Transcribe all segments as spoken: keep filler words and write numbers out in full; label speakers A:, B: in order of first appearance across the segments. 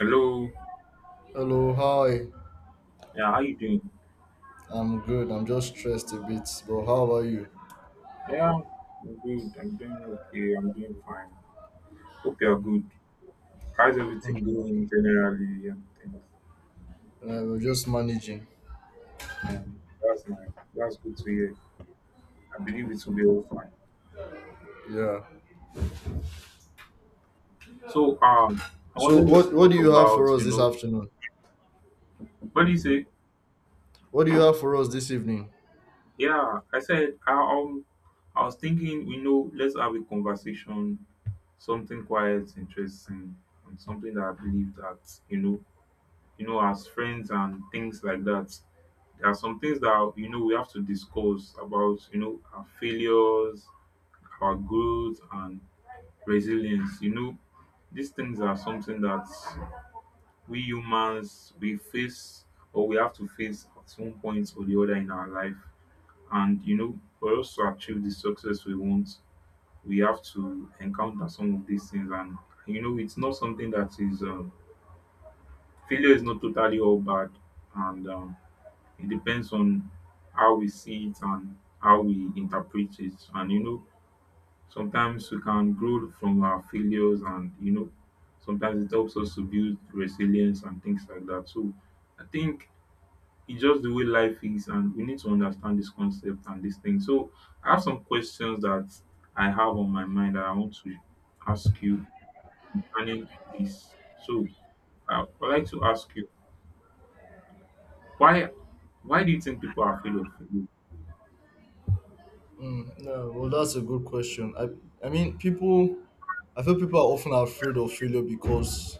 A: Hello.
B: Hello, hi.
A: Yeah, how you doing?
B: I'm good. I'm just stressed a bit, but how are you?
A: Yeah, I'm good. I'm doing okay. I'm doing fine. Hope you're good. How's everything
B: Uh,
A: going generally and things?
B: we're just managing.
A: And that's my That's good to hear. I believe it will be all fine.
B: Yeah.
A: So um I
B: So
A: wanted us
B: what
A: to
B: what
A: talk
B: do you have for
A: about, you
B: us this
A: know,
B: afternoon?
A: what do you say?
B: What do you have for us this evening?
A: Yeah, I said I um I was thinking, you know, let's have a conversation, something quiet, interesting, and something that I believe that, you know, you know, as friends and things like that. There are some things that you know we have to discuss about, you know, our failures, our growth and resilience. You know, these things are something that we humans we face or we have to face at some point or the other in our life. And you know, for us to achieve the success we want, we have to encounter some of these things. And you know, it's not something that is um, failure is not totally all bad, and um, it depends on how we see it and how we interpret it. And you know, sometimes we can grow from our failures, and you know, sometimes it helps us to build resilience and things like that. So I think it's just the way life is, and we need to understand this concept and this thing. So I have some questions that I have on my mind that I want to ask you concerning this. So I would like to ask you why why do you think people are afraid of failure?
B: Mm, no, well, that's a good question. I I mean, people. I feel people are often afraid of failure because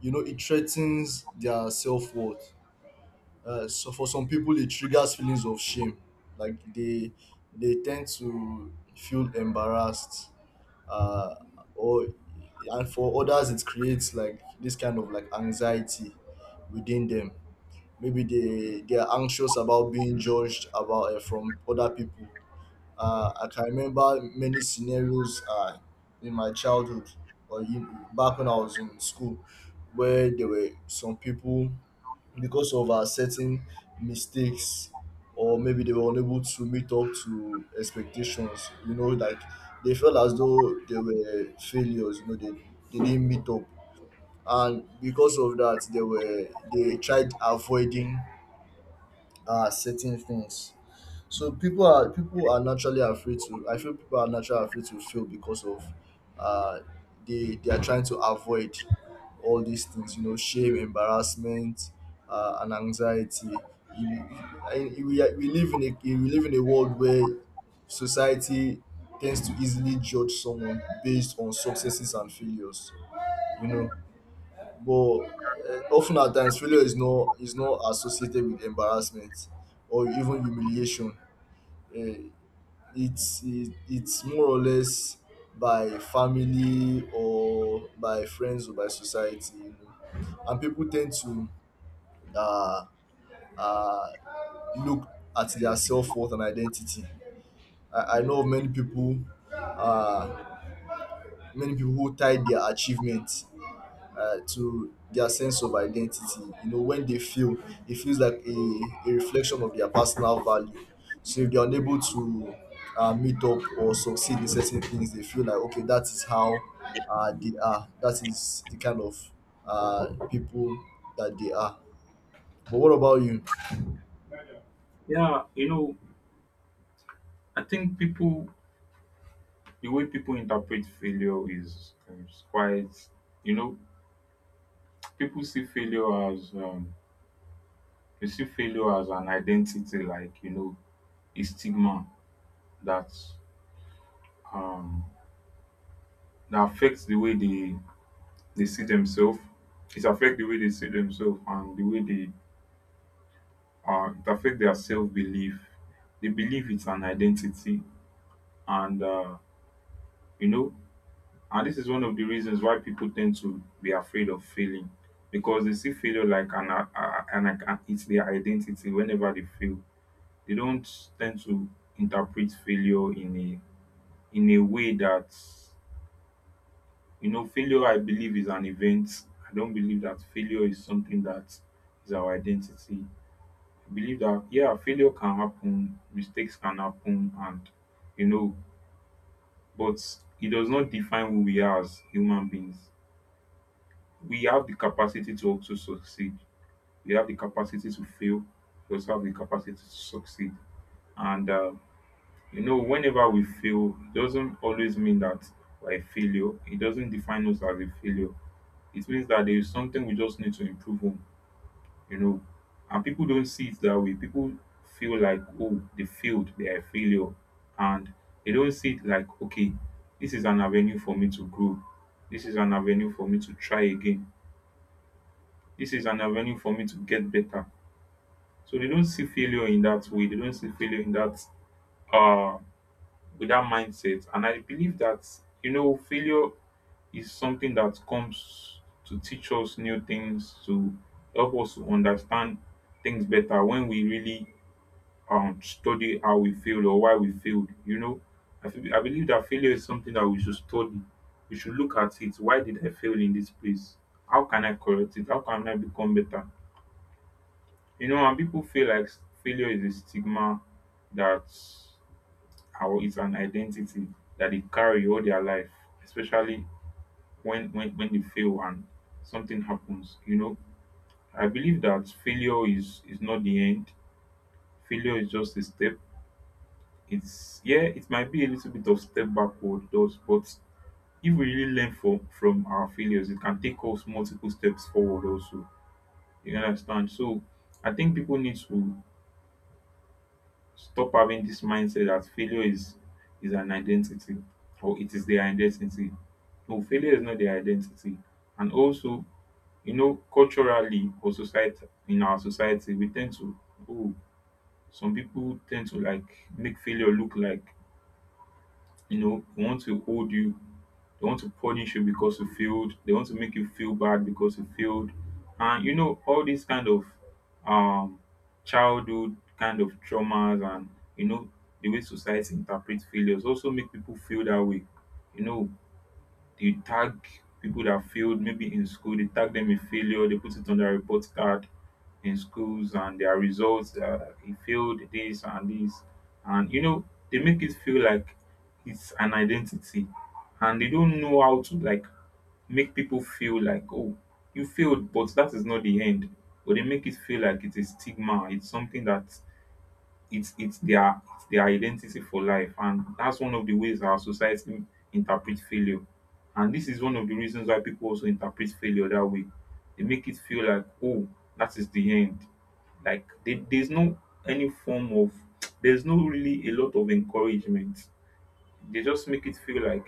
B: you know it threatens their self worth. Uh, so for some people, it triggers feelings of shame, like they they tend to feel embarrassed uh, or and for others it creates like this kind of like anxiety within them maybe they they are anxious about being judged about uh, from other people. Uh, i can remember many scenarios uh, in my childhood or in, back when I was in school where there were some people because of our certain mistakes or maybe they were unable to meet up to expectations, you know, like they felt as though they were failures, you know, they, they didn't meet up. And because of that they were they tried avoiding uh certain things. So people are people are naturally afraid to. I feel people are naturally afraid to fail because of uh, they they are trying to avoid all these things. You know, shame, embarrassment, uh, and anxiety. You- I- we, are- we live in a we live in a world where society tends to easily judge someone based on successes and failures. You know, but uh, often at times failure is not is not associated with embarrassment or even humiliation. Eh, it's it, it's more or less by family or by friends or by society, you know, and people tend to uh, uh, look at their self-worth and identity. i, I know of many people, uh, many people who tie their achievements uh, to their sense of identity. You know, when they feel, it feels like a, a reflection of their personal value. So if they're unable to uh, meet up or succeed in certain things, they feel like, okay, that is how uh, they are. That is the kind of uh, people that they are. But what about you?
A: Yeah, you know, I think people, the way people interpret failure is, is quite, you know, people see failure as, um, they see failure as an identity, like, you know, a stigma that, um, that affects the way they, they see themselves. It affects the way they see themselves and the way they, uh, it affects their self belief. They believe it's an identity and, uh, you know, and this is one of the reasons why people tend to be afraid of failing because they see failure like an, uh, uh, an uh, it's their identity whenever they fail. They don't tend to interpret failure in a in a way that you know failure I believe is an event. I don't believe that failure is something that is our identity. I believe that yeah, failure can happen, mistakes can happen and you know, but it does not define who we are as human beings. We have the capacity to also succeed. We have the capacity to fail. We also have the capacity to succeed. And uh, you know, whenever we fail, it doesn't always mean that we're a failure. It doesn't define us as a failure. It means that there is something we just need to improve on. You know, and people don't see it that way. People feel like, oh, they failed. They are a failure, and they don't see it like, okay, this is an avenue for me to grow. This is an avenue for me to try again. This is an avenue for me to get better. So they don't see failure in that way. They don't see failure in that uh with that mindset. And I believe that you know failure is something that comes to teach us new things, to help us to understand things better when we really um, study how we failed or why we failed. You know, I, feel, I believe that failure is something that we should study. We should look at it. Why did I fail in this place? How can I correct it? How can I become better? You know, and people feel like failure is a stigma that how it's an identity that they carry all their life, especially when when, when they fail and something happens. You know, I believe that failure is is not the end. Failure is just a step. It's yeah, it might be a little bit of step backward, those, but if we really learn from from our failures, it can take us multiple steps forward also. You understand? So I think people need to stop having this mindset that failure is is an identity or it is their identity. No, failure is not their identity. And also, you know, culturally or society in our society, we tend to oh, some people tend to like make failure look like you know they want to hold you, they want to punish you because you failed, they want to make you feel bad because you failed, and you know all these kind of um childhood kind of traumas and you know the way society interprets failures also make people feel that way. You know, they tag people that failed maybe in school, they tag them in failure, they put it on their report card in schools and their results. Uh, he failed this and this, and you know they make it feel like it's an identity, and they don't know how to like make people feel like, oh, you failed, but that is not the end. But they make it feel like it's a stigma, it's something that it's it's their it's their identity for life, and that's one of the ways our society interpret failure, and this is one of the reasons why people also interpret failure that way. They make it feel like, oh, that is the end, like they, there's no any form of there's no really a lot of encouragement. They just make it feel like,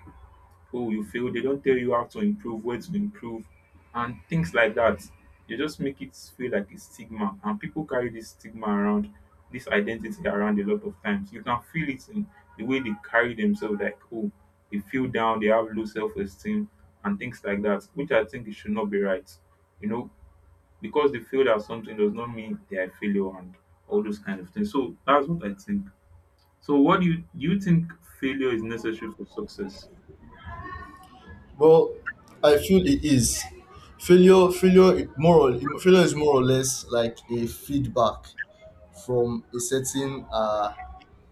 A: oh, you failed. They don't tell you how to improve, where to improve, and things like that. They just make it feel like a stigma, and people carry this stigma around, this identity around a lot of times. You can feel it in the way they carry themselves, like, oh, they feel down, they have low self esteem, and things like that, which I think it should not be right. You know, because they feel that something does not mean they are a failure and all those kind of things. So that's what I think. So, what do you do you think failure is necessary for success?
B: Well, I feel it is failure. Failure, it- more or, failure is more or less like a feedback from a certain uh,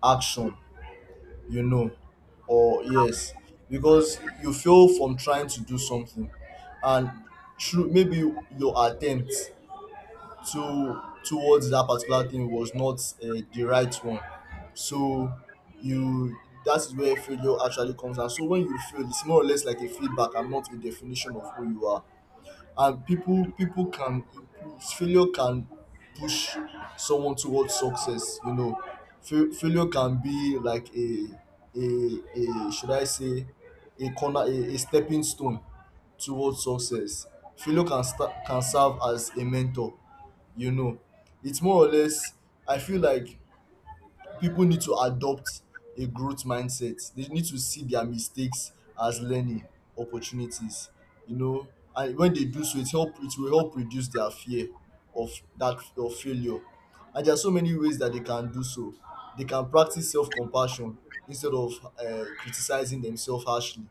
B: action, you know. Or yes, because you fail from trying to do something, and through maybe your attempt to towards that particular thing was not uh, the right one. So you, that is where failure actually comes. And so when you fail it's more or less like a feedback and not a definition of who you are. And people people can, failure can push someone towards success, you know. Fail- failure can be like a a a should I say a corner a, a stepping stone towards success. Failure can sta can serve as a mentor, you know. It's more or less, I feel like, people need to adopt a growth mindset. They need to see their mistakes as learning opportunities. You know, and when they do so, it help it will help reduce their fear of that of failure. And there are so many ways that they can do so. They can practice self compassion instead of uh, criticizing themselves harshly.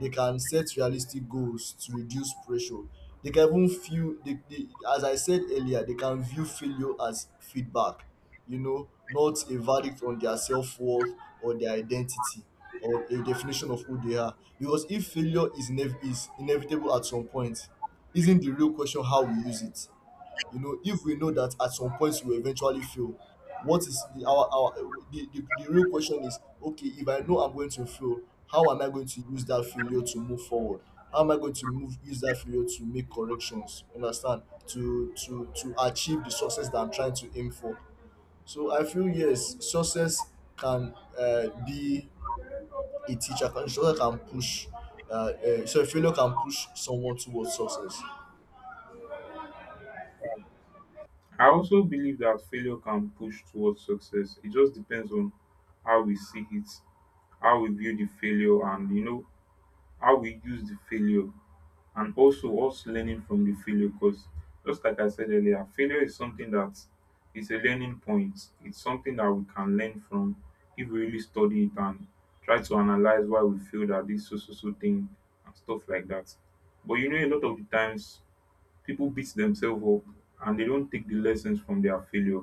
B: They can set realistic goals to reduce pressure. They can even feel, they, they, as I said earlier, they can view failure as feedback, you know, not a verdict on their self worth or their identity or a definition of who they are. Because if failure is, inev- is inevitable at some point, isn't the real question how we use it? You know, if we know that at some point we will eventually fail, what is the our our the, the the real question is, okay, if I know I'm going to fail, how am I going to use that failure to move forward? How am I going to move use that failure to make corrections? Understand? To to to achieve the success that I'm trying to aim for. So I feel yes, success can uh, be a teacher. Can success can push. Uh, uh, so failure can push someone towards success.
A: I also believe that failure can push towards success. It just depends on how we see it, how we view the failure, and you know how we use the failure, and also us learning from the failure. Because just like I said earlier, failure is something that is a learning point. It's something that we can learn from if we really study it and try to analyze why we feel that this so so so thing and stuff like that. But you know, a lot of the times people beat themselves up and they don't take the lessons from their failure.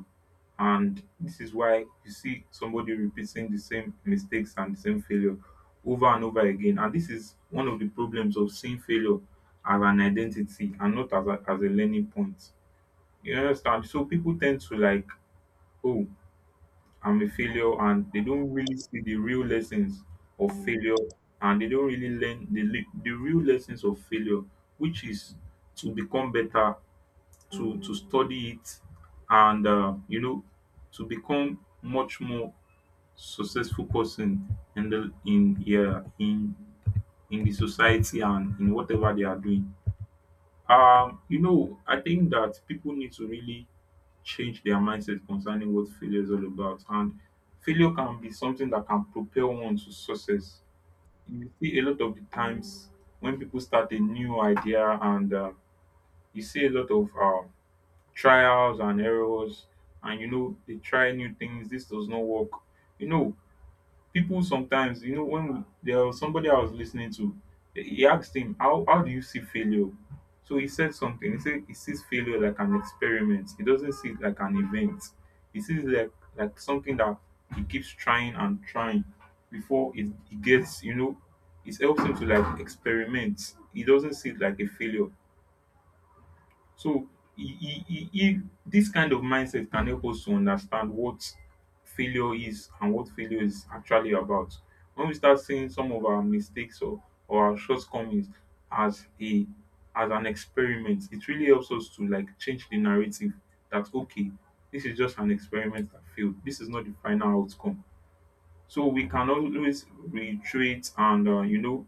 A: And this is why you see somebody repeating the same mistakes and the same failure over and over again. And this is one of the problems of seeing failure as an identity and not as a, as a learning point. You understand? So people tend to like, oh, I'm a failure, and they don't really see the real lessons of failure, and they don't really learn the, le- the real lessons of failure, which is to become better, to to study it, and uh, you know, to become much more successful person in the in yeah in in the society and in whatever they are doing. Um, you know, I think that people need to really change their mindset concerning what failure is all about. And failure can be something that can propel one to success. You see a lot of the times when people start a new idea and uh, you see a lot of uh, trials and errors, and you know they try new things, this does not work, you know. People sometimes you know when we, there was somebody I was listening to. He asked him how, how do you see failure? So he said something. He said he sees failure like an experiment, he doesn't see it like an event. He sees it like like something that he keeps trying and trying before it, he gets, you know, it helps him to like experiment, he doesn't see it like a failure. So e e e e this kind of mindset can help us to understand what failure is and what failure is actually about. When we start seeing some of our mistakes or, or our shortcomings as a as an experiment, it really helps us to like change the narrative that okay, this is just an experiment that failed. This is not the final outcome. So we can always reiterate and uh, you know,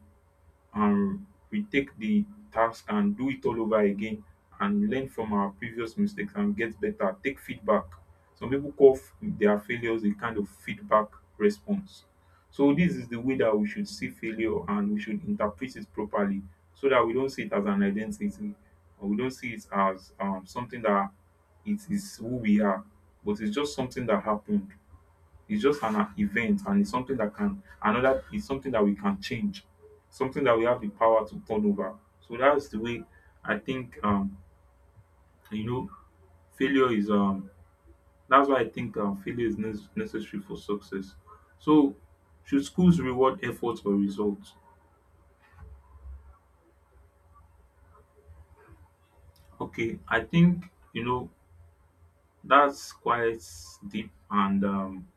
A: and we take the task and do it all over again and learn from our previous mistakes and get better. Take feedback. Some people call f- their failures a kind of feedback response. So this is the way that we should see failure and we should interpret it properly so that we don't see it as an identity or we don't see it as um, something that it is who we are, but it's just something that happened. It's just an event and it's something that can another it's something that we can change, something that we have the power to turn over. So that's the way I think um you know failure is um that's why I think um, failure is ne- necessary for success. So should schools reward efforts or results? Okay, I think you know that's quite deep, and um,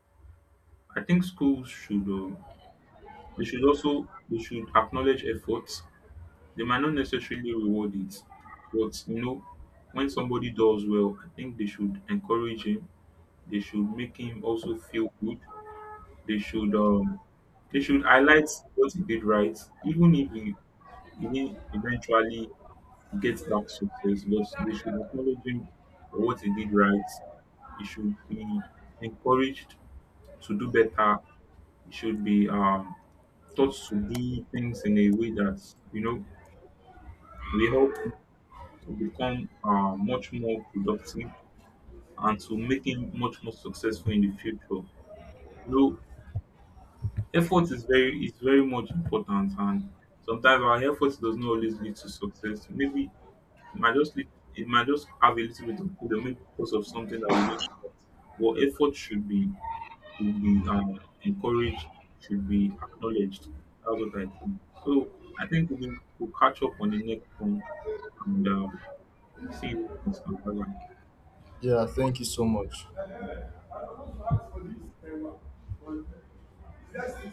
A: I think schools should uh, they should also they should acknowledge efforts. They might not necessarily reward it, but you know, when somebody does well, I think they should encourage him. They should make him also feel good. They should um they should highlight what he did right, even if he, he didn't eventually get that success, but they should acknowledge him for what he did right. He should be encouraged to do better. He should be um, taught to do things in a way that, you know, will help to become uh, much more productive and to making much more successful in the future. You know, effort is very is very much important, and sometimes our effort does not always lead to success. Maybe it might just lead, it might just have a little bit of freedom maybe because of something that we don't expect. But effort should be should be uh encouraged, should be acknowledged. That's what I think. So I think we will we'll catch up on the next one and um, see you next time. Bye bye.
B: Yeah, thank you so much.